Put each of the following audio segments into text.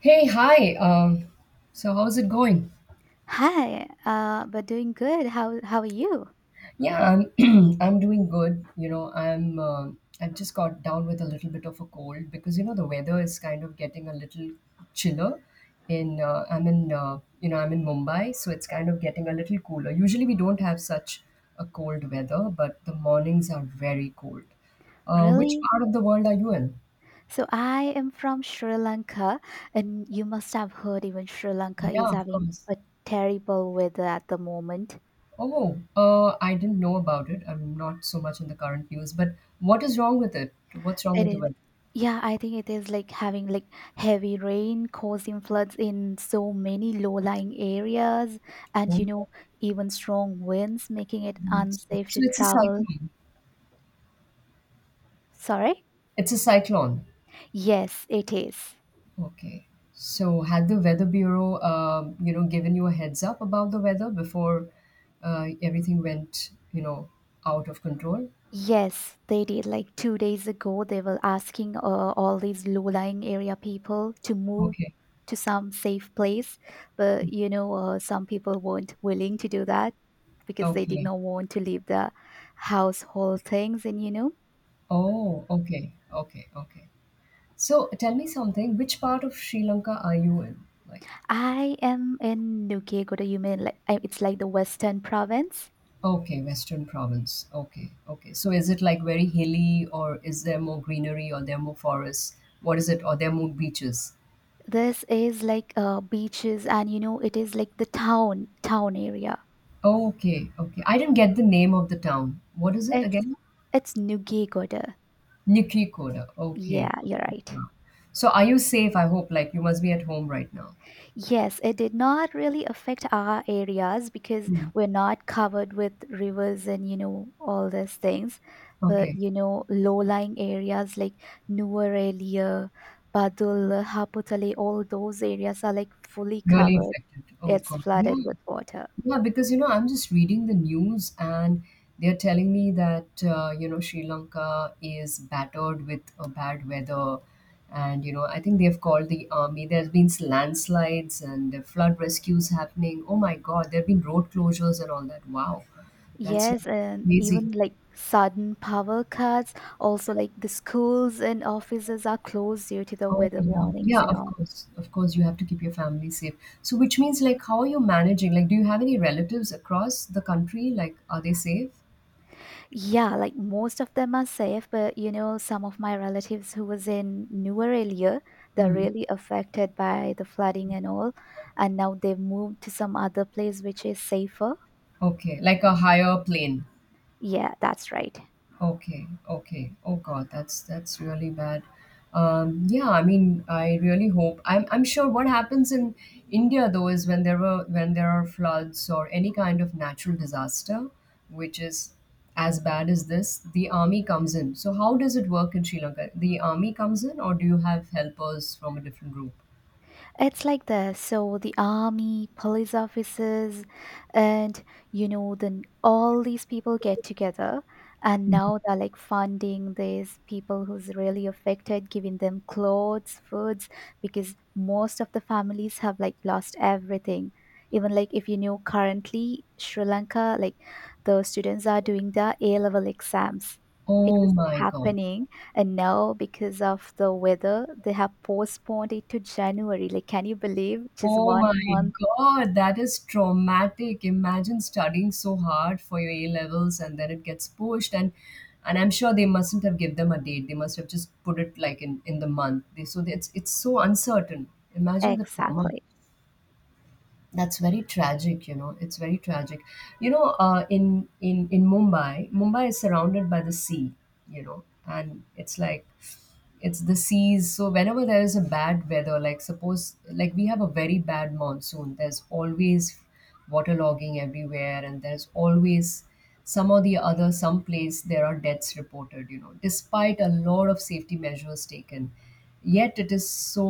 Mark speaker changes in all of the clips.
Speaker 1: Hey, hi. So how's it going?
Speaker 2: Hi, but doing good. How are you?
Speaker 1: Yeah, I'm I'm doing good. You know, I've just got down with a little bit of a cold because you know the weather is kind of getting a little chiller. In I'm in you know I'm in Mumbai, so it's kind of getting a little cooler. Usually we don't have such a cold weather, but the mornings are very cold. Which
Speaker 2: Really?
Speaker 1: part of the world are you in?
Speaker 2: So I am from Sri Lanka, and you must have heard even Sri Lanka is
Speaker 1: Yeah, of
Speaker 2: having
Speaker 1: course.
Speaker 2: a terrible weather at the moment.
Speaker 1: Oh, I didn't know about it. I'm not so much in the current news, but what is wrong with it? What's wrong
Speaker 2: It
Speaker 1: with the
Speaker 2: is.
Speaker 1: weather?
Speaker 2: Yeah, I think it is like having like heavy rain causing floods in so many low-lying areas, and
Speaker 1: Oh,
Speaker 2: you know, even strong winds making it
Speaker 1: it's-
Speaker 2: unsafe
Speaker 1: So
Speaker 2: to
Speaker 1: it's a
Speaker 2: travel.
Speaker 1: cyclone.
Speaker 2: Sorry?
Speaker 1: It's a cyclone.
Speaker 2: Yes, it is.
Speaker 1: Okay. So had the Weather Bureau, you know, given you a heads up about the weather before everything went, you know, out of control?
Speaker 2: Yes, they did. Like 2 days ago, they were asking all these low-lying area people to move
Speaker 1: Okay.
Speaker 2: to some safe place, but you know, some people weren't willing to do that because they did
Speaker 1: Okay.
Speaker 2: not want to leave the household things. And you know,
Speaker 1: Oh, okay. Okay. Okay. So tell me something. Which part of Sri Lanka are you in? Like.
Speaker 2: I am in Nuke Goryeo, like it's like the western province.
Speaker 1: Okay, Western Province. Okay, okay. So is it like very hilly, or is there more greenery, or there are more forests? What is it? Or there are more beaches?
Speaker 2: This is like beaches, and you know, it is like the town area.
Speaker 1: Okay, okay. I didn't get the name of the town. What is it
Speaker 2: It's
Speaker 1: again?
Speaker 2: it's Nugegoda.
Speaker 1: Nikrikoda.
Speaker 2: Yeah,
Speaker 1: Okay.
Speaker 2: you're right.
Speaker 1: So are you safe? I hope. Like you must be at home right now.
Speaker 2: Yes, it did not really affect our areas because
Speaker 1: Hmm.
Speaker 2: we're not covered with rivers and, you know, all these things. But,
Speaker 1: Okay.
Speaker 2: you know, low-lying areas like Nuvarelia, Badul, Haputale, all those areas are like fully
Speaker 1: Really
Speaker 2: covered.
Speaker 1: affected. Oh
Speaker 2: It's
Speaker 1: God. Yeah.
Speaker 2: flooded with water.
Speaker 1: Yeah, because you know, I'm just reading the news and they're telling me that you know Sri Lanka is battered with bad weather, and you know I think they've called the army. There's been landslides and flood rescues happening. Oh my God, there've been road closures and all that. Wow, that's like
Speaker 2: Yes, and
Speaker 1: crazy.
Speaker 2: even like sudden power cuts, also like the schools and offices are closed due to the
Speaker 1: Oh
Speaker 2: weather
Speaker 1: yeah,
Speaker 2: warnings
Speaker 1: yeah.
Speaker 2: and all.
Speaker 1: Of course, you have to keep your family safe. So, which means like, how are you managing? Like, do you have any relatives across the country? Like, are they safe?
Speaker 2: Yeah, like most of them are safe, but you know, some of my relatives who was in newer area, they're
Speaker 1: Hmm.
Speaker 2: really affected by the flooding and all, and now they've moved to some other place which is safer.
Speaker 1: Okay, like a higher plane.
Speaker 2: Yeah, that's right.
Speaker 1: Okay, okay. Oh God, that's really bad. Yeah, I mean, I really hope. I'm sure what happens in India though is when there were when there are floods or any kind of natural disaster, which is as bad as this, the army comes in. So how does it work in Sri Lanka? The army comes in, or do you have helpers from a different group?
Speaker 2: It's like this. So the army, police officers, and you know, then all these people get together, and now they're like funding these people who's really affected, giving them clothes, foods, because most of the families have like lost everything. Even like if you know, currently Sri Lanka, like the students are doing their A level exams. It
Speaker 1: Oh
Speaker 2: was
Speaker 1: my God.
Speaker 2: happening and now, because of the weather, they have postponed it to January. Like, can you believe? Just
Speaker 1: Oh my
Speaker 2: one month.
Speaker 1: God, that is traumatic. Imagine studying so hard for your A levels and then it gets pushed and I'm sure they mustn't have give them a date. They must have just put it like in the month. They, so it's so uncertain. Imagine the trauma.
Speaker 2: Exactly.
Speaker 1: That's very tragic, you know. It's very tragic. You know, in Mumbai, Mumbai is surrounded by the sea, you know, and it's like it's the seas, so whenever there is a bad weather, like suppose like we have a very bad monsoon, there's always waterlogging everywhere, and there's always some or the other someplace there are deaths reported, you know, despite a lot of safety measures taken, yet it is so,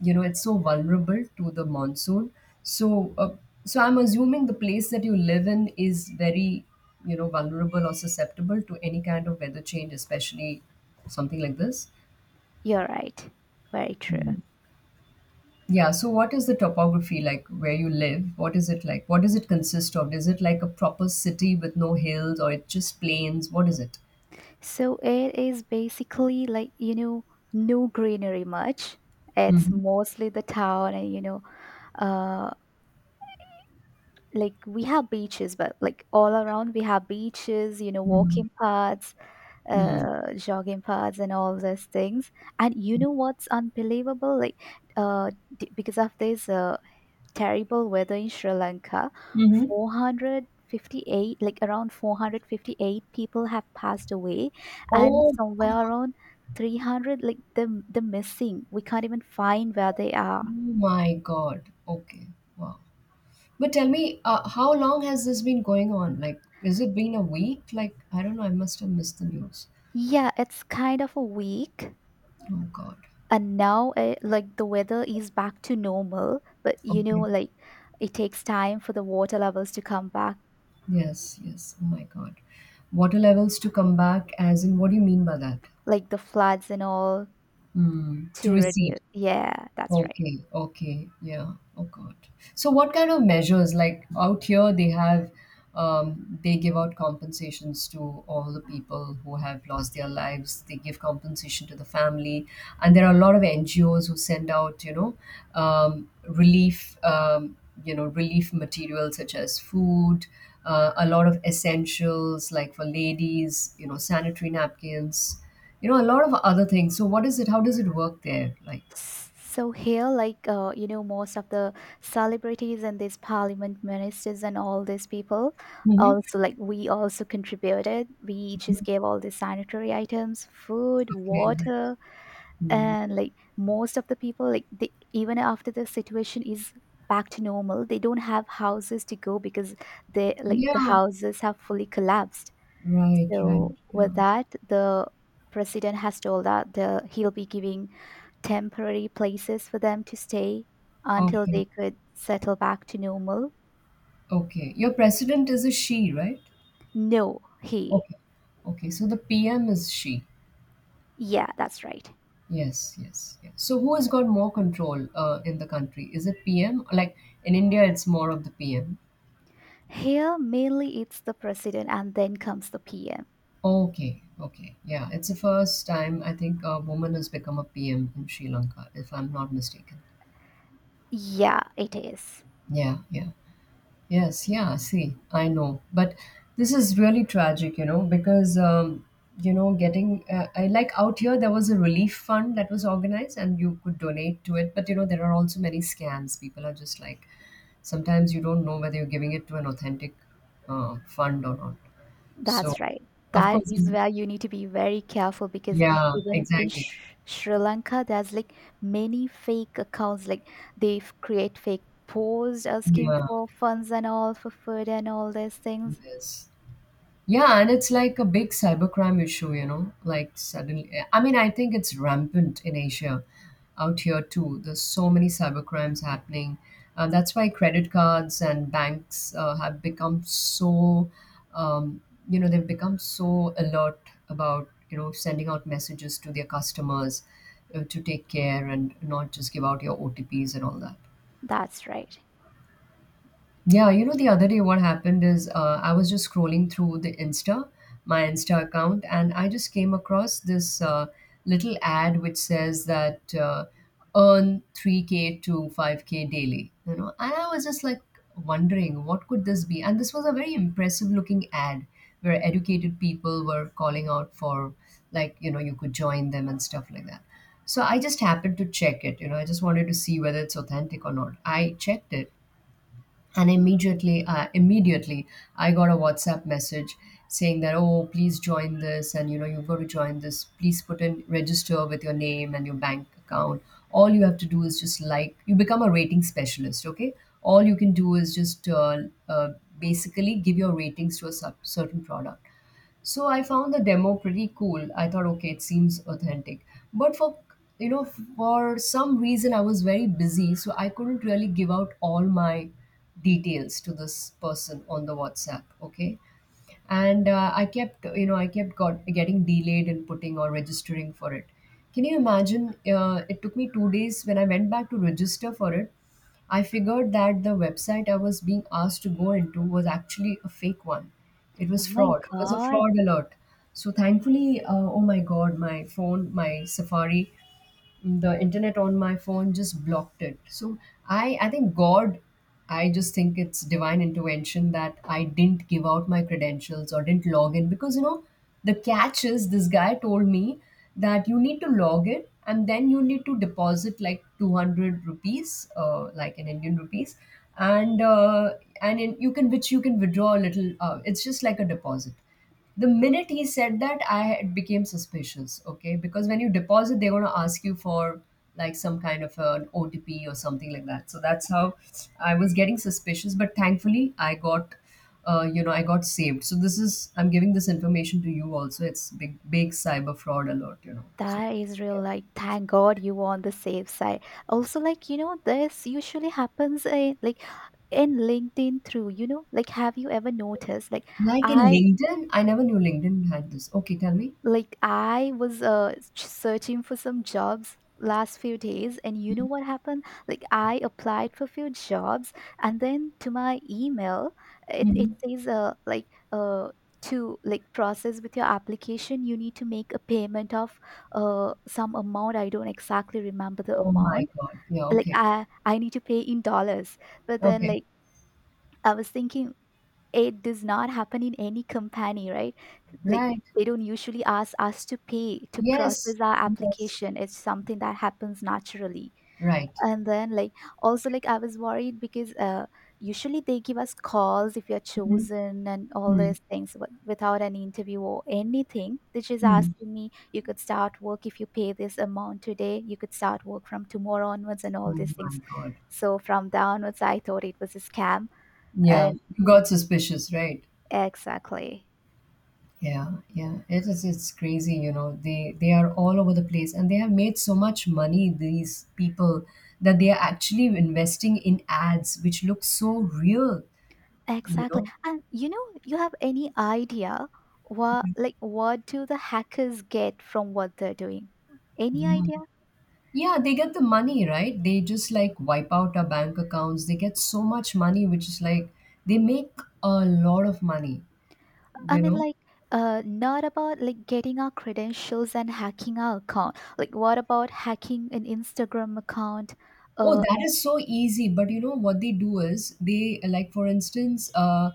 Speaker 1: you know, it's so vulnerable to the monsoon. So uh, so I'm assuming the place that you live in is very, you know, vulnerable or susceptible to any kind of weather change, especially something like this.
Speaker 2: You're right. Very true.
Speaker 1: Mm. Yeah. So, what is the topography like where you live? What is it like? What does it consist of? Is it like a proper city with no hills, or it's just plains? What is it?
Speaker 2: So it is basically like, you know, no greenery much. It's
Speaker 1: Mm-hmm.
Speaker 2: mostly the town and, you know, uh, like we have beaches, but like all around we have beaches, you know, walking paths,
Speaker 1: Mm-hmm.
Speaker 2: jogging paths, and all these things. And you know what's unbelievable? Like, uh, because of this terrible weather in Sri Lanka.
Speaker 1: Mm-hmm.
Speaker 2: 458, like around 458 people have passed away, and
Speaker 1: Oh
Speaker 2: somewhere
Speaker 1: God!
Speaker 2: around 300, like the missing. We can't even find where they
Speaker 1: Oh
Speaker 2: are.
Speaker 1: my God! Okay. Wow. But tell me, how long has this been going on? Like, is it been a week? Like, I don't know. I must have missed the news.
Speaker 2: Yeah, it's kind of a week,
Speaker 1: Oh God.
Speaker 2: and now like the weather is back to normal, but you know,
Speaker 1: Okay.
Speaker 2: like it takes time for the water levels to come back,
Speaker 1: Yes. Yes. Oh my God. Water levels to come back, as in, what do you mean by that?
Speaker 2: like the floods and all
Speaker 1: To
Speaker 2: to
Speaker 1: receive.
Speaker 2: reduce. Yeah, that's right.
Speaker 1: Okay, okay, yeah. Oh God. So what kind of measures? Like out here, they have, they give out compensations to all the people who have lost their lives. They give compensation to the family, and there are a lot of NGOs who send out, you know, relief, you know, relief materials such as food, a lot of essentials like for ladies, you know, sanitary napkins, you know, a lot of other things. So what is it? How does it work there? Like.
Speaker 2: So here, like you know, most of the celebrities and these parliament ministers and all these people,
Speaker 1: Mm-hmm.
Speaker 2: also like we also contributed. We just gave all the sanitary items, food,
Speaker 1: Okay. Like.
Speaker 2: water,
Speaker 1: Hmm.
Speaker 2: and like most of the people, like they, even after the situation is back to normal, they don't have houses to go because they like the
Speaker 1: Yeah,
Speaker 2: houses have fully collapsed,
Speaker 1: right, right.
Speaker 2: so
Speaker 1: Yeah.
Speaker 2: with that, the president has told that the, he'll be giving temporary places for them to stay until
Speaker 1: Okay,
Speaker 2: they could settle back to normal.
Speaker 1: okay. Your president is a she, right?
Speaker 2: No, he.
Speaker 1: Okay, okay. So the PM is she.
Speaker 2: Yeah, that's right.
Speaker 1: Yes, yes, yes. So who has got more control in the country? Is it PM? Like in India, it's more of the PM.
Speaker 2: Here, mainly it's the president and then comes the PM.
Speaker 1: Okay, okay. Yeah, it's the first time I think a woman has become a PM in Sri Lanka, if I'm not mistaken.
Speaker 2: Yeah, it is.
Speaker 1: Yeah, yeah. Yes, yeah, see, I know. But this is really tragic, you know, because, you know, I like out here, there was a relief fund that was organized and you could donate to it. But, you know, there are also many scams. People are just like, sometimes you don't know whether you're giving it to an authentic fund or not. So,
Speaker 2: That's right.
Speaker 1: of
Speaker 2: That
Speaker 1: course,
Speaker 2: is where you need to be very careful because
Speaker 1: yeah,
Speaker 2: even in
Speaker 1: exactly.
Speaker 2: Sri Lanka, there's like many fake accounts. Like they create fake posts asking
Speaker 1: Yeah,
Speaker 2: for funds and all for food and all these things.
Speaker 1: yes. Yeah, and it's like a big cybercrime issue, you know. Like suddenly, I mean, I think it's rampant in Asia, out here too. There's so many cybercrimes happening. That's why credit cards and banks have become so, um, you know, they've become so alert about, you know, sending out messages to their customers, to take care and not just give out your OTPs and all that.
Speaker 2: That's right.
Speaker 1: Yeah, you know, the other day what happened is I was just scrolling through the Insta, my Insta account, and I just came across this little ad which says that earn 3K to 5K daily, you know. And I was just like wondering what could this be? And this was a very impressive looking ad where educated people were calling out for, like, you know, you could join them and stuff like that. So I just happened to check it, you know, I just wanted to see whether it's authentic or not. I checked it, and immediately I got a WhatsApp message saying that, oh, please join this, and you know, you've got to join this, please put in, register with your name and your bank account. All you have to do is just like you become a rating specialist, okay, all you can do is just uh, basically give your ratings to a sub- certain product. So I found the demo pretty cool. I thought, okay, it seems authentic. But for, you know, for some reason, I was very busy, so I couldn't really give out all my details to this person on the WhatsApp. Okay, and I kept getting delayed in putting or registering for it. Can you imagine, it took me two days. When I went back to register for it, I figured that the website I was being asked to go into was actually a fake one. It
Speaker 2: Oh
Speaker 1: was
Speaker 2: my
Speaker 1: fraud, it was a
Speaker 2: God,
Speaker 1: fraud alert. So thankfully, oh my God, my phone, my Safari, the internet on my phone just blocked it. So I think God, I just think it's divine intervention that I didn't give out my credentials or didn't log in, because you know, the catch is, this guy told me that you need to log in and then you need to deposit like 200 rupees, like in Indian rupees, and uh, and you can, which you can withdraw a little, it's just like a deposit. The minute he said that, I had became suspicious. Okay, because when you deposit, they're going to ask you for like some kind of an OTP or something like that, so that's how I was getting suspicious. But thankfully I got, you know, I got saved. So this is, I'm giving this information to you also, it's big cyber fraud alert, you know, so
Speaker 2: that
Speaker 1: be
Speaker 2: is real.
Speaker 1: careful.
Speaker 2: Like, thank God you were on the safe side. Also, like, you know, this usually happens in, like in LinkedIn through, you know, like, have you ever noticed?
Speaker 1: Like, in
Speaker 2: I
Speaker 1: LinkedIn, I never knew LinkedIn had this. Okay, tell me.
Speaker 2: Like I was searching for some jobs last few days and you know what happened? Like I applied for few jobs and then to my email it
Speaker 1: Hmm.
Speaker 2: says like uh, to like process with your application you need to make a payment of some amount I don't exactly remember the
Speaker 1: Oh my
Speaker 2: amount,
Speaker 1: God. Yeah.
Speaker 2: like
Speaker 1: Okay.
Speaker 2: I need to pay in dollars, but then
Speaker 1: Okay.
Speaker 2: like I was thinking it does not happen in any company, right?
Speaker 1: Right.
Speaker 2: Like they don't usually ask us to pay to
Speaker 1: Yes.
Speaker 2: process our
Speaker 1: Yes.
Speaker 2: application. It's something that happens naturally.
Speaker 1: Right.
Speaker 2: And then like also like I was worried because usually they give us calls if you're chosen and all these things without an interview or anything. They're just asking me, you could start work if you pay this amount today, you could start work from tomorrow onwards and all
Speaker 1: Oh
Speaker 2: these things.
Speaker 1: my God.
Speaker 2: So from downwards, I thought it was a scam
Speaker 1: Yeah,
Speaker 2: and
Speaker 1: you got suspicious, right?
Speaker 2: exactly.
Speaker 1: Yeah, yeah. It is, it's crazy, you know. They are all over the place, and they have made so much money, these people, that they are actually investing in ads which look so real, you
Speaker 2: Exactly.
Speaker 1: know.
Speaker 2: And you know, you have any idea what like what do the hackers get from what they're doing? Any
Speaker 1: Yeah.
Speaker 2: idea?
Speaker 1: Yeah, they get the money, right? They just like wipe out our bank accounts. They get so much money, which is like they make a lot of money,
Speaker 2: I
Speaker 1: you
Speaker 2: mean
Speaker 1: know.
Speaker 2: like not about like getting our credentials and hacking our account. Like what about hacking an Instagram account?
Speaker 1: Oh,
Speaker 2: Uh
Speaker 1: that is so easy. But you know what they do is they like for instance, uh,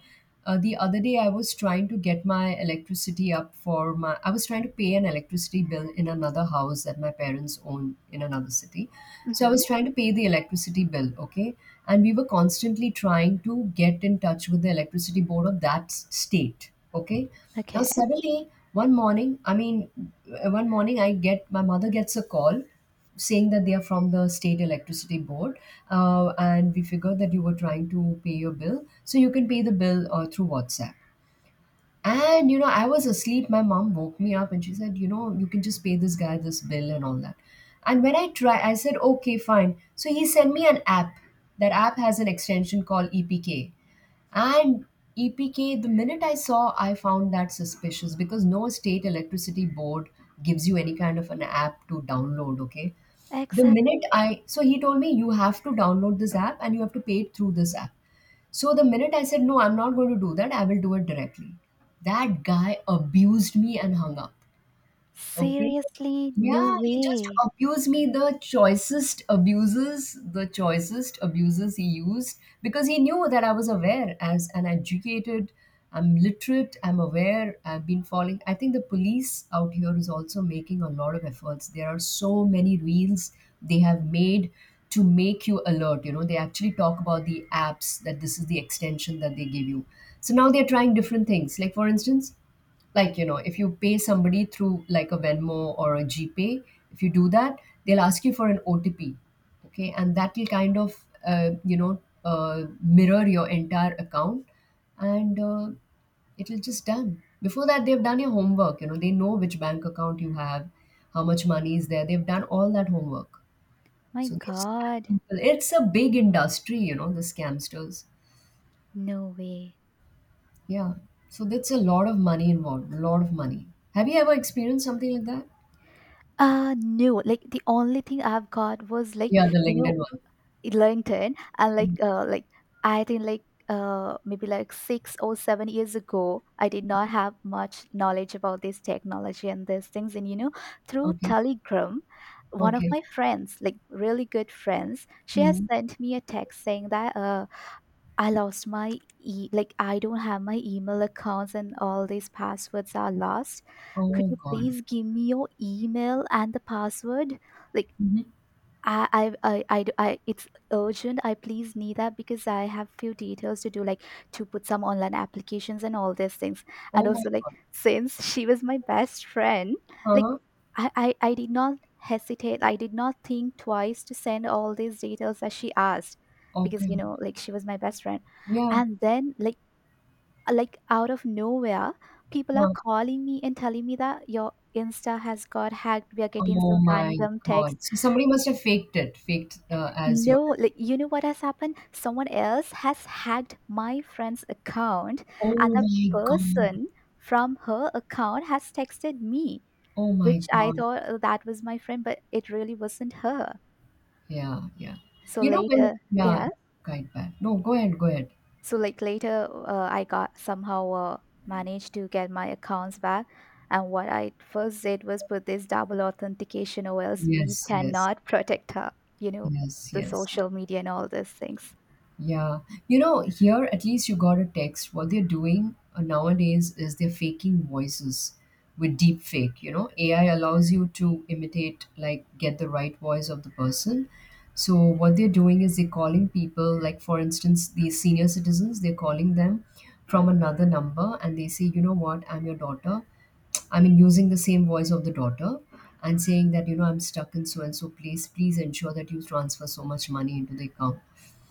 Speaker 1: uh, the other day I was trying to get my electricity up for my I was trying to pay an electricity bill in another house that my parents own in another city. So I
Speaker 2: mhm,
Speaker 1: was trying to pay the electricity bill, okay? And we were constantly trying to get in touch with the electricity board of state, okay? Now
Speaker 2: okay.
Speaker 1: suddenly one morning I get my mother gets a call saying that they are from the state electricity board, and we figured that you were trying to pay your bill, so you can pay the bill through WhatsApp. And you know, I was asleep. My mom woke me up and she said, you know, you can just pay this guy this bill and all that. And when I try, I said, okay, fine. So he sent me an app. That app has an extension called EPK. And EPK, the minute I saw, I found that suspicious, because no state electricity board gives you any kind of an app to download, okay? The minute
Speaker 2: Exactly.
Speaker 1: I, so he told me, you have to download this app and you have to pay it through this app. So the minute I said, no, I'm not going to do that, I will do it directly. That guy abused me and hung up. Okay.
Speaker 2: Seriously, no
Speaker 1: Yeah, he just
Speaker 2: way.
Speaker 1: abused me the choicest abuses he used, because he knew that I was aware. As an educated, I'm literate, I'm aware, I've been following. I think the police out here is also making a lot of efforts. There are so many reels they have made to make you alert. You know, they actually talk about the apps, that this is the extension that they give you. So now they're trying different things. Like, for instance, like you know, if you pay somebody through like a Venmo or a GPay, if you do that, they'll ask you for an OTP, okay, and that will kind of, mirror your entire account. And uh, it'll just done before that they've done your homework, you know, they know which bank account you have, how much money is there, they've done all that homework. So
Speaker 2: My
Speaker 1: they scam
Speaker 2: God,
Speaker 1: people. It's a big industry, you know, the scamsters.
Speaker 2: no way.
Speaker 1: Yeah, so that's a lot of money involved, a lot of money. Have you ever experienced something like that?
Speaker 2: No, like the only thing I've got was like,
Speaker 1: Yeah, the
Speaker 2: you know,
Speaker 1: LinkedIn one.
Speaker 2: Ellington and
Speaker 1: Mm.
Speaker 2: like I think like maybe like 6 or 7 years ago I did not have much knowledge about this technology and these things, and you know, through
Speaker 1: Okay.
Speaker 2: Telegram one of
Speaker 1: Okay.
Speaker 2: my friends, like really good friends, she has
Speaker 1: Mhm.
Speaker 2: sent me a text saying that I lost my e, like I don't have my email accounts and all these passwords are lost, could
Speaker 1: Oh
Speaker 2: you
Speaker 1: God.
Speaker 2: please give me your email and the password, like
Speaker 1: Mhm.
Speaker 2: it's urgent. I please need that because I have few details to do, like to put some online applications and all these things. And
Speaker 1: Oh my
Speaker 2: also, like
Speaker 1: God.
Speaker 2: since she was my best friend, like
Speaker 1: Huh?
Speaker 2: I did not hesitate. I did not think twice to send all these details that she asked, because
Speaker 1: Okay.
Speaker 2: you know, like she was my best friend.
Speaker 1: Yeah.
Speaker 2: And then, like, out of nowhere, people are
Speaker 1: Huh.
Speaker 2: calling me and telling me that your Insta has got hacked. We are getting
Speaker 1: Oh
Speaker 2: some
Speaker 1: my
Speaker 2: random text.
Speaker 1: God. So somebody must have faked it, faked as your
Speaker 2: No,
Speaker 1: best.
Speaker 2: like you know what has happened? Someone else has hacked my friend's account, and
Speaker 1: Oh
Speaker 2: the
Speaker 1: my God.
Speaker 2: person from her account has texted me,
Speaker 1: Oh my
Speaker 2: which I
Speaker 1: God.
Speaker 2: thought, "Oh, that was my friend," but it really wasn't her.
Speaker 1: Yeah, yeah.
Speaker 2: So
Speaker 1: You know when
Speaker 2: later,
Speaker 1: yeah,
Speaker 2: yeah.
Speaker 1: quite bad. No, go ahead, go ahead.
Speaker 2: So like later, I got somehow managed to get my accounts back. And what I first did was put this double authentication, or else we
Speaker 1: Yes, yes,
Speaker 2: cannot protect her. You know,
Speaker 1: yes,
Speaker 2: the
Speaker 1: yes.
Speaker 2: social media and all these things.
Speaker 1: Yeah. You know, here at least you got a text. What they're doing nowadays is they're faking voices with deep fake. You know, AI allows you to imitate, like, get the right voice of the person. So, what they're doing is they're calling people, like, for instance, these senior citizens, they're calling them from another number and they say, you know what, I'm your daughter. I mean, using the same voice of the daughter, and saying that, you know, I'm stuck in so and so place. Please ensure that you transfer so much money into the account.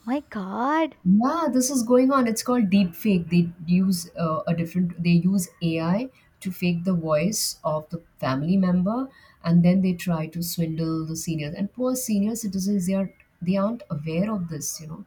Speaker 2: My God,
Speaker 1: Yeah, this is going on. It's called deep fake. They use AI to fake the voice of the family member, and then they try to swindle the seniors. And poor senior citizens, they aren't aware of this. You know,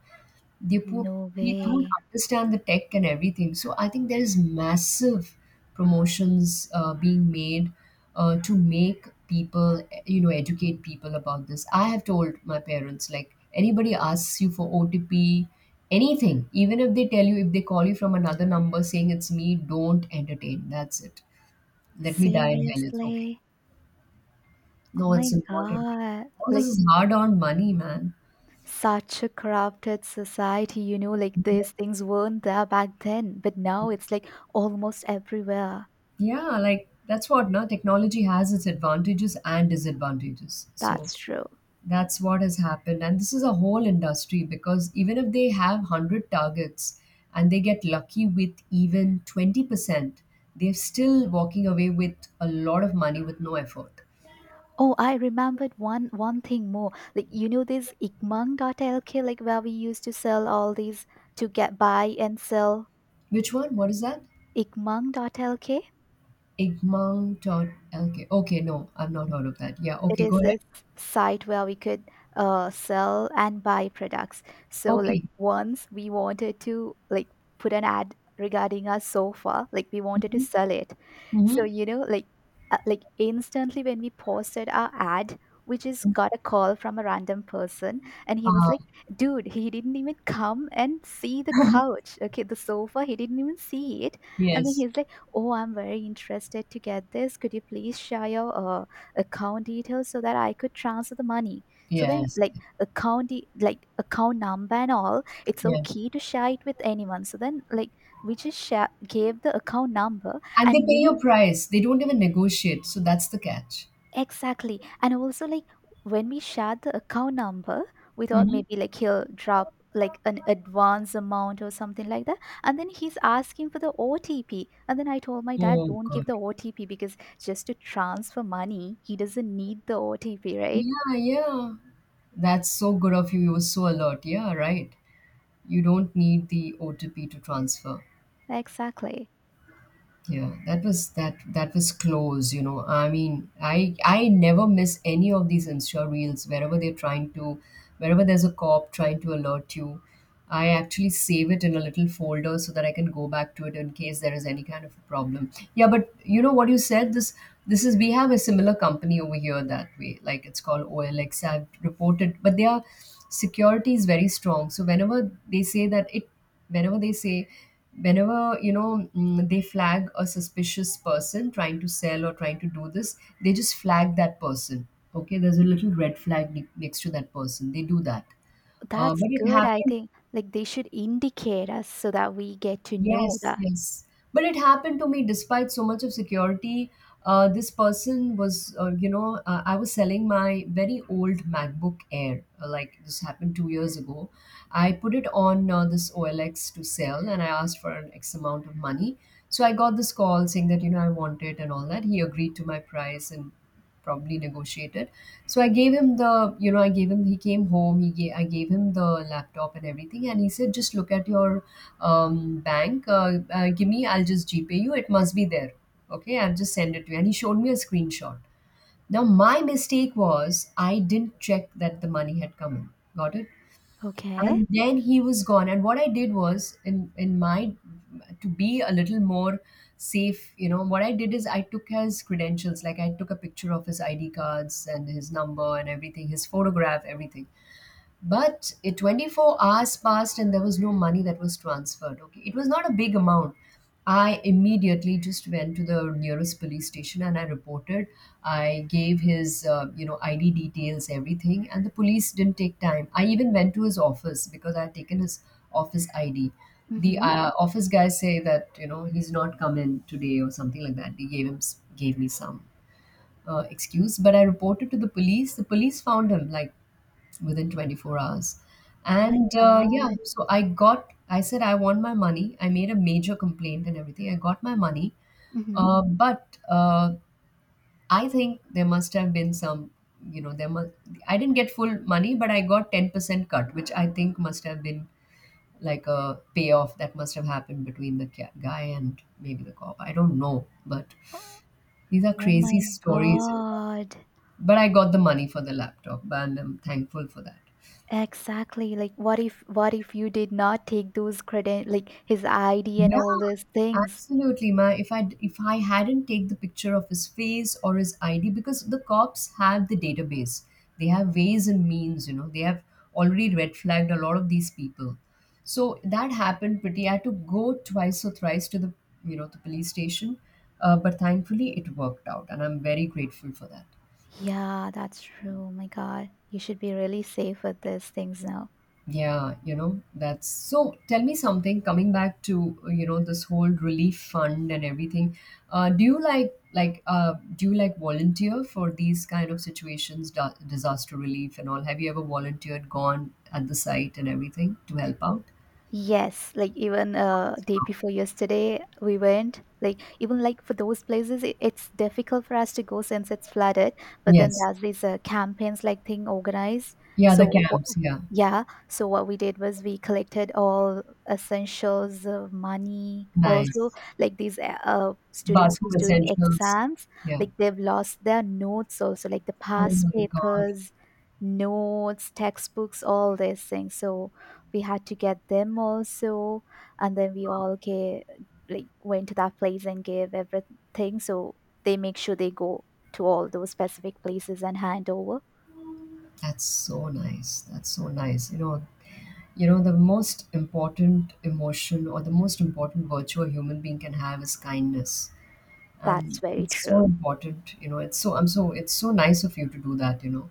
Speaker 1: they put
Speaker 2: no
Speaker 1: they don't
Speaker 2: way.
Speaker 1: understand the tech and everything. So I think there is massive promotions being made to make people, you know, educate people about this. I have told my parents, like, anybody asks you for OTP, anything, even if they tell you, if they call you from another number saying it's me, don't entertain. That's it. Let me die in hell. It's okay.
Speaker 2: Seriously? Oh
Speaker 1: No,
Speaker 2: my
Speaker 1: it's important.
Speaker 2: God.
Speaker 1: All this
Speaker 2: Like,
Speaker 1: is hard earned money, man.
Speaker 2: such a corrupted society, you know, like these things weren't there back then, but now it's like almost everywhere.
Speaker 1: Yeah, like that's what, no, technology has its advantages and disadvantages. So
Speaker 2: That's true.
Speaker 1: that's what has happened. And this is a whole industry, because even if they have 100 targets and they get lucky with even 20%, they're still walking away with a lot of money with no effort.
Speaker 2: Oh, I remembered one thing more. Like you know this ikmang dot lk, like where we used to sell all these, to get buy and sell,
Speaker 1: Which one? What is that?
Speaker 2: ikmang dot lk.
Speaker 1: Igmang.lk. Okay, no, I've not heard of that. Yeah,
Speaker 2: It
Speaker 1: okay, go
Speaker 2: is
Speaker 1: ahead.
Speaker 2: this site where we could sell and buy products, so
Speaker 1: Okay.
Speaker 2: like once we wanted to like put an ad regarding our sofa, like we wanted to
Speaker 1: Mm-hmm.
Speaker 2: sell it. So
Speaker 1: Mm-hmm.
Speaker 2: you know like instantly when we posted our ad we just got a call from a random person, and he was
Speaker 1: Uh,
Speaker 2: like, dude, he didn't even come and see the couch, okay, the sofa, he didn't even see it. And then
Speaker 1: yes,
Speaker 2: he's like, oh, I'm very interested to get this, could you please share your account details so that I could transfer the money. So then,
Speaker 1: yes,
Speaker 2: like account, like account number and all, it's
Speaker 1: yes.
Speaker 2: okay to share it with anyone. So then, like we just share, gave the account number,
Speaker 1: And they pay
Speaker 2: and you know
Speaker 1: your price. They don't even negotiate. So that's the catch.
Speaker 2: exactly, and also like when we shared the account number, we thought
Speaker 1: Mhm.
Speaker 2: maybe like he'll drop like an advance amount or something like that, and then he's asking for the OTP, and then I told my dad,
Speaker 1: Oh,
Speaker 2: don't
Speaker 1: God.
Speaker 2: give the OTP, because just to transfer money he doesn't need the OTP, right?
Speaker 1: Yeah, yeah. That's so good of you. You were so alert. Yeah, right. You don't need the OTP to transfer.
Speaker 2: Exactly.
Speaker 1: Yeah, that was close, you know. I mean, I never miss any of these Insta reels wherever they're trying to, wherever there's a cop trying to alert you. I actually save it in a little folder so that I can go back to it in case there is any kind of a problem. Yeah, but you know what you said, this is, we have a similar company over here that way. Like it's called OLX. I've reported, but their security is very strong. So whenever they say that it whenever they say whenever you know, mm, they flag a suspicious person trying to sell or trying to do this, they just flag that person. Okay, there's a little red flag next to that person, they do that.
Speaker 2: That's
Speaker 1: But it
Speaker 2: good. I
Speaker 1: happened
Speaker 2: think like they should indicate us so that we get to know
Speaker 1: Yes,
Speaker 2: that.
Speaker 1: yes. But it happened to me despite so much of security. This person was, you know, I was selling my very old MacBook Air. Like this happened 2 years ago. I put it on this OLX to sell, and I asked for an X amount of money. So I got this call saying that, you know, I want it and all that. He agreed to my price and probably negotiated. So I gave him the, you know, I gave him the laptop and everything. And he said, just look at your I'll just GPay you. It must be there. Okay, I'll just send it to you. And he showed me a screenshot. Now, my mistake was I didn't check that the money had come in. Got it?
Speaker 2: Okay.
Speaker 1: And then he was gone. And what I did was, in my, to be a little more safe, you know what I did is I took his credentials. Like I took a picture of his ID cards and his number and everything, his photograph, everything. But 24 hours passed and there was no money that was transferred. Okay, it was not a big amount. I immediately just went to the nearest police station and I reported. I gave his, you know, ID details, everything, and the police didn't take time. I even went to his office because I had taken his office ID. The
Speaker 2: Mm-hmm.
Speaker 1: office guys say that, you know, he's not come in today or something like that. They gave gave me some excuse, but I reported to the police. The police found him like within 24 hours.
Speaker 2: Oh my
Speaker 1: And yeah,
Speaker 2: God.
Speaker 1: so I got, I said, I want my money. I made a major complaint and everything. I got my money.
Speaker 2: Mm-hmm.
Speaker 1: But I think there must have been some, you know, there must, I didn't get full money, but I got 10% cut, which I think must have been like a payoff that must have happened between the guy and maybe the cop. I don't know. But these are
Speaker 2: Oh
Speaker 1: crazy
Speaker 2: my
Speaker 1: stories.
Speaker 2: God.
Speaker 1: But I got the money for the laptop, and I'm thankful for that.
Speaker 2: Exactly. Like what if you did not take those credit, like his ID and
Speaker 1: Yeah,
Speaker 2: all those things?
Speaker 1: absolutely. Ma. If I hadn't take the picture of his face or his ID, because the cops have the database. They have ways and means, you know. They have already red flagged a lot of these people. So that happened pretty. I had to go twice or thrice to the, you know, the police station, but thankfully it worked out, and I'm very grateful for that.
Speaker 2: Yeah, that's true. Oh my God. You should be really safe with these things now.
Speaker 1: Yeah, you know, that's so. Tell me something. Coming back to you know, this whole relief fund and everything, do you like do you like volunteer for these kind of situations, disaster relief and all? Have you ever volunteered, gone at the site and everything to help out?
Speaker 2: Yes, like even day before yesterday we went, like even like for those places it's difficult for us to go since it's flooded, but then
Speaker 1: Yes.
Speaker 2: there's these campaigns like thing organized,
Speaker 1: Yeah, the
Speaker 2: so
Speaker 1: camps. Yeah,
Speaker 2: yeah, so what we did was we collected all essentials, money also,
Speaker 1: nice.
Speaker 2: like these students
Speaker 1: Bathroom
Speaker 2: who's doing
Speaker 1: essentials.
Speaker 2: exams,
Speaker 1: Yeah.
Speaker 2: like they've lost their notes also, like the
Speaker 1: Oh
Speaker 2: past
Speaker 1: my God,
Speaker 2: papers, notes, textbooks, all these things, so we had to get them also, and then we all gave, like went to that place and gave everything, so they make sure they go to all those specific places and hand over.
Speaker 1: that's so nice. That's so nice. You know, you know, the most important emotion or the most important virtue a human being can have is kindness.
Speaker 2: That's
Speaker 1: And
Speaker 2: very
Speaker 1: it's so
Speaker 2: true.
Speaker 1: important, you know, I'm so, it's so nice of you to do that, you know.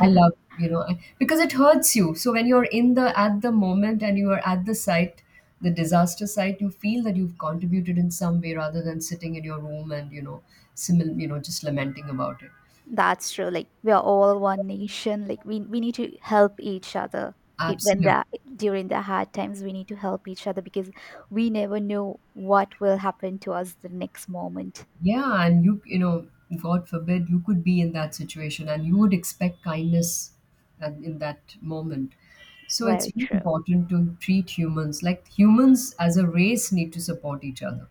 Speaker 1: I love, you know, I, because it hurts you. So when you're at the moment and you are at the site, the disaster site, you feel that you've contributed in some way rather than sitting in your room and, just lamenting about it.
Speaker 2: That's true, like we are all one nation, like we need to help each other. When
Speaker 1: Absolutely.
Speaker 2: that, during the hard times, we need to help each other because we never know what will happen to us the next moment.
Speaker 1: Yeah, and you know, god forbid, you could be in that situation and you would expect kindness, and in that moment. So it's
Speaker 2: Very
Speaker 1: really
Speaker 2: true.
Speaker 1: important to treat humans like humans, as a race need to support each other.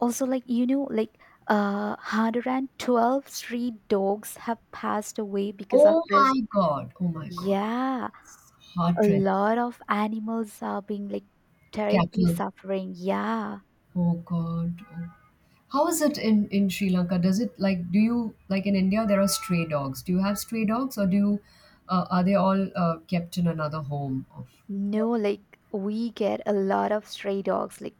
Speaker 2: Also, like you know, like 112 street dogs have passed away because of
Speaker 1: Oh my
Speaker 2: this,
Speaker 1: god, oh my god.
Speaker 2: yeah. A
Speaker 1: Heart rate.
Speaker 2: lot of animals are being like terribly
Speaker 1: Cattle.
Speaker 2: suffering, yeah.
Speaker 1: Oh god, oh. How is it in Sri Lanka? Does it like, do you like, in India there are stray dogs, do you have stray dogs, or do you are they all kept in another home of?
Speaker 2: No, like we get a lot of stray dogs, like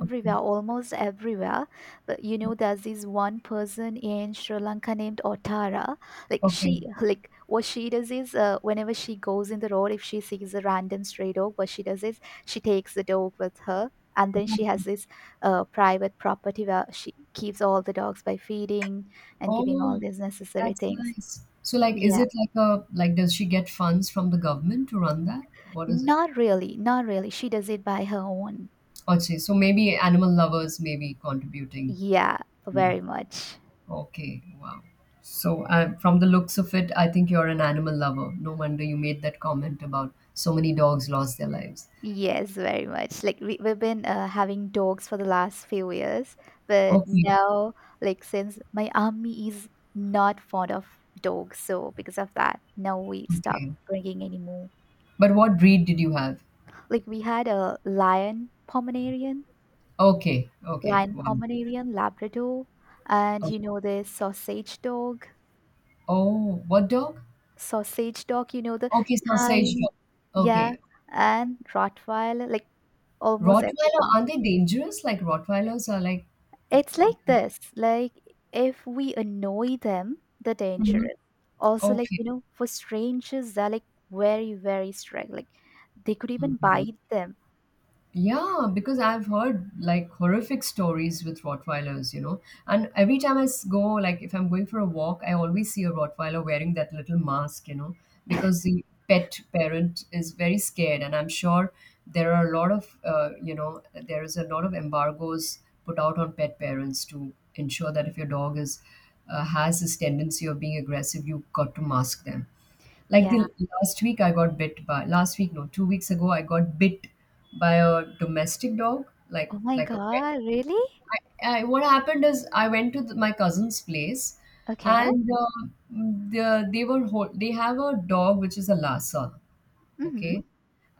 Speaker 1: Okay.
Speaker 2: almost everywhere. But you know, there's this one person in Sri Lanka named Otara. Like
Speaker 1: Okay.
Speaker 2: she, like what she does is, whenever she goes in the road, if she sees a random stray dog, what she does is she takes the dog with her. And then she has this private property where she keeps all the dogs by feeding and giving all
Speaker 1: Oh,
Speaker 2: these necessary
Speaker 1: that's
Speaker 2: things.
Speaker 1: nice. So like, is
Speaker 2: Yeah,
Speaker 1: it like a, like does she get funds from the government to run that? What is it?
Speaker 2: not really, not really. She does it by her own.
Speaker 1: Okay, so maybe animal lovers may be contributing.
Speaker 2: Yeah,
Speaker 1: Yeah.
Speaker 2: very much.
Speaker 1: Okay, wow. So from the looks of it, I think you're an animal lover. No wonder you made that comment about so many dogs lost their lives.
Speaker 2: Yes, very much. Like we've been having dogs for the last few years, but
Speaker 1: Okay,
Speaker 2: now, like since my army is not fond of dogs, so because of that, now we stop
Speaker 1: okay.
Speaker 2: bringing any more.
Speaker 1: But what breed did you have?
Speaker 2: Like we had a
Speaker 1: Okay, okay,
Speaker 2: lion
Speaker 1: wow.
Speaker 2: Pomeranian, Labrador, and
Speaker 1: Oh,
Speaker 2: you know the sausage dog,
Speaker 1: oh, what dog?
Speaker 2: sausage dog. You know the
Speaker 1: Okay, sausage
Speaker 2: tiny,
Speaker 1: dog.
Speaker 2: yeah,
Speaker 1: Okay.
Speaker 2: and Rottweiler. Like almost every
Speaker 1: Rottweiler,
Speaker 2: brand.
Speaker 1: are they dangerous? Like Rottweilers are like.
Speaker 2: It's like this, like if we annoy them, they're
Speaker 1: Mhm.
Speaker 2: dangerous. Also, like,
Speaker 1: Okay.
Speaker 2: you know, for strangers, they're like very, very strict. Like they could even
Speaker 1: Mhm.
Speaker 2: bite them.
Speaker 1: Yeah, because I've heard like horrific stories with Rottweilers, you know. And every time go, like if I'm going for a walk, I always see a Rottweiler wearing that little mask, you know, because the pet parent is very scared. And I'm sure there are a lot of, you know, there is a lot of embargoes put out on pet parents to ensure that if your dog is has this tendency of being aggressive, you've got to mask them. Like
Speaker 2: Yeah.
Speaker 1: the last week I got bit by last week, no, 2 weeks ago, I got bit by a domestic dog, like
Speaker 2: Oh my
Speaker 1: a pet.
Speaker 2: God, really?
Speaker 1: What happened is I went to my cousin's place,
Speaker 2: Okay.
Speaker 1: and they were they have a dog which is a Lhasa.
Speaker 2: Mm-hmm.
Speaker 1: Okay.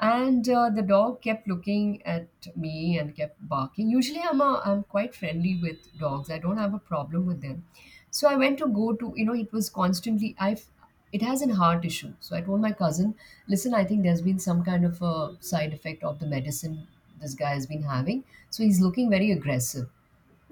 Speaker 1: And the dog kept looking at me and kept barking. Usually, I'm quite friendly with dogs. I don't have a problem with them. So I went to go to, you know, it was constantly, I, it has an heart issue. So I told my cousin, listen, I think there's been some kind of a side effect of the medicine this guy has been having. So he's looking very aggressive.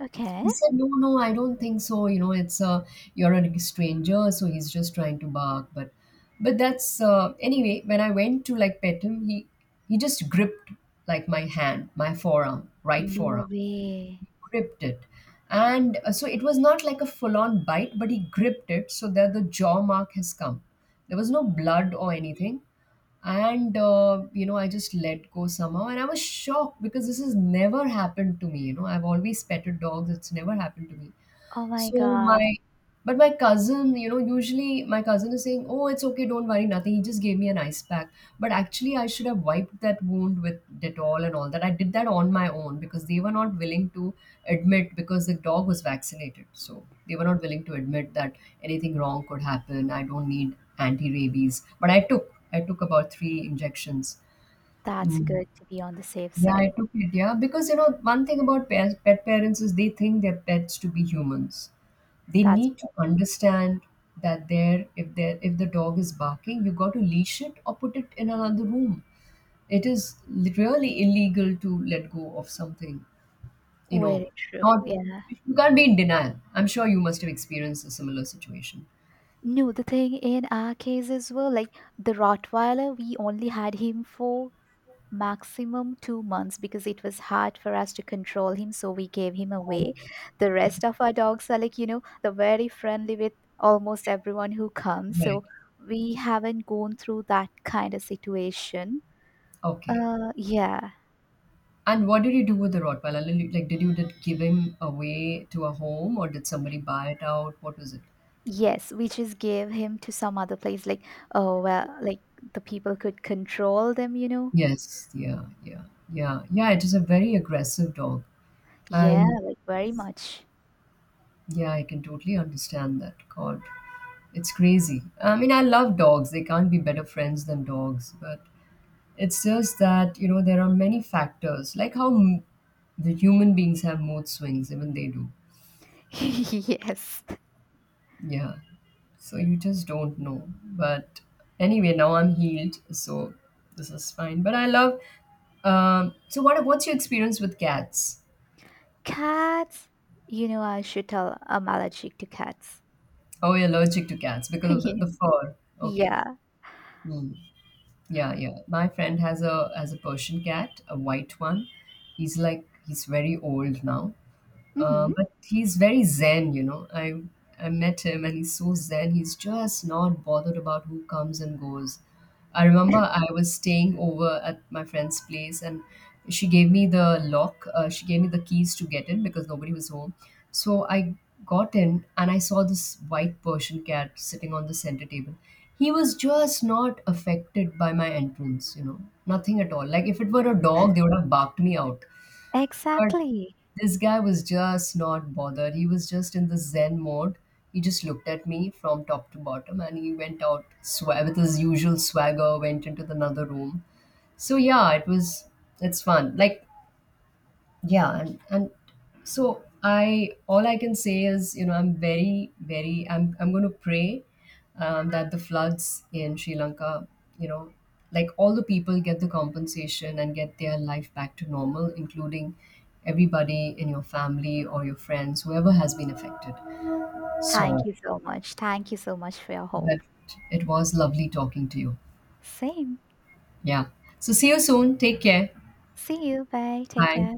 Speaker 2: Okay.
Speaker 1: He said, "No, no, I don't think so. You know, it's you're a stranger, so he's just trying to bark." But that's anyway. When I went to like pet him, he just gripped like my hand, my forearm, right forearm,
Speaker 2: No way.
Speaker 1: gripped it. And so it was not like a full on bite, but he gripped it so that the jaw mark has come. There was no blood or anything. And, you know, I just let go somehow. And I was shocked because this has never happened to me. You know, I've always petted dogs, it's never happened to me.
Speaker 2: Oh my
Speaker 1: So
Speaker 2: God.
Speaker 1: my but my cousin, you know, usually my cousin is saying, "Oh, it's okay, don't worry, nothing. He just gave me an ice pack." But actually, I should have wiped that wound with Dettol and all that. I did that on my own because they were not willing to admit, because the dog was vaccinated. So they were not willing to admit that anything wrong could happen. I don't need anti-rabies, but I took about 3 injections.
Speaker 2: That's
Speaker 1: Mm.
Speaker 2: good to be on the safe
Speaker 1: Yeah, I
Speaker 2: side.
Speaker 1: took it. Yeah, because you know, one thing about pet parents is they think their pets to be humans, they
Speaker 2: That's
Speaker 1: need to understand that there, if the dog is barking, you got to leash it or put it in another room. It is really illegal to let go of something, you know,
Speaker 2: very true.
Speaker 1: not,
Speaker 2: Yeah.
Speaker 1: you can't be in denial. I'm sure you must have experienced a similar situation.
Speaker 2: No, the thing in our case as well, like the Rottweiler, we only had him for maximum 2 months because it was hard for us to control him, so we gave him away.
Speaker 1: Okay.
Speaker 2: The rest of our dogs are like, you know, they're very friendly with almost everyone who comes,
Speaker 1: Right.
Speaker 2: so we haven't gone through that kind of situation,
Speaker 1: Okay.
Speaker 2: yeah.
Speaker 1: And what did you do with the Rottweiler, like did you, did give him away to a home, or did somebody buy it out, what was it?
Speaker 2: Yes, we just gave him to some other place, like, oh well, like the people could control them, you know.
Speaker 1: Yes. Yeah, yeah. Yeah, yeah, it is a very aggressive dog.
Speaker 2: Yeah,
Speaker 1: And
Speaker 2: like very much.
Speaker 1: yeah, I can totally understand that. God, it's crazy. I mean, I love dogs. They can't be better friends than dogs. But it's just that, you know, there are many factors, like the human beings have mood swings, even they do.
Speaker 2: Yes,
Speaker 1: Yeah. So you just don't know. But anyway, now I'm healed. So this is fine. But I love. So, what's your experience with cats?
Speaker 2: cats, you know, I should tell I'm allergic to cats.
Speaker 1: Oh, you're allergic to cats because of the
Speaker 2: Yeah.
Speaker 1: fur. Okay.
Speaker 2: Yeah.
Speaker 1: Hmm. Yeah, yeah. My friend has a, has a Persian cat, a white one. He's like, he's very old now,
Speaker 2: Hmm.
Speaker 1: but he's very zen, you know. I met him and he's so zen. He's just not bothered about who comes and goes. I remember I was staying over at my friend's place, and she gave me the lock. She gave me the keys to get in because nobody was home. So I got in and I saw this white Persian cat sitting on the center table. He was just not affected by my entrance, you know, nothing at all. Like if it were a dog, they would have barked me out. But
Speaker 2: Exactly.
Speaker 1: this guy was just not bothered. He was just in the Zen mode. He just looked at me from top to bottom and he went out with his usual swagger, went into the another room. So yeah, it was, it's fun. Like, yeah, and so I, all I can say is, you know, I'm very very, I'm going to pray that the floods in Sri Lanka, you know, like all the people get the compensation and get their life back to normal, including everybody in your family or your friends, whoever has been affected.
Speaker 2: Thank
Speaker 1: So
Speaker 2: you so much. Thank you so much for your
Speaker 1: but
Speaker 2: hope.
Speaker 1: it was lovely talking to you.
Speaker 2: Same.
Speaker 1: Yeah, so see you soon, take care.
Speaker 2: See you. Bye. Take
Speaker 1: Bye.
Speaker 2: care.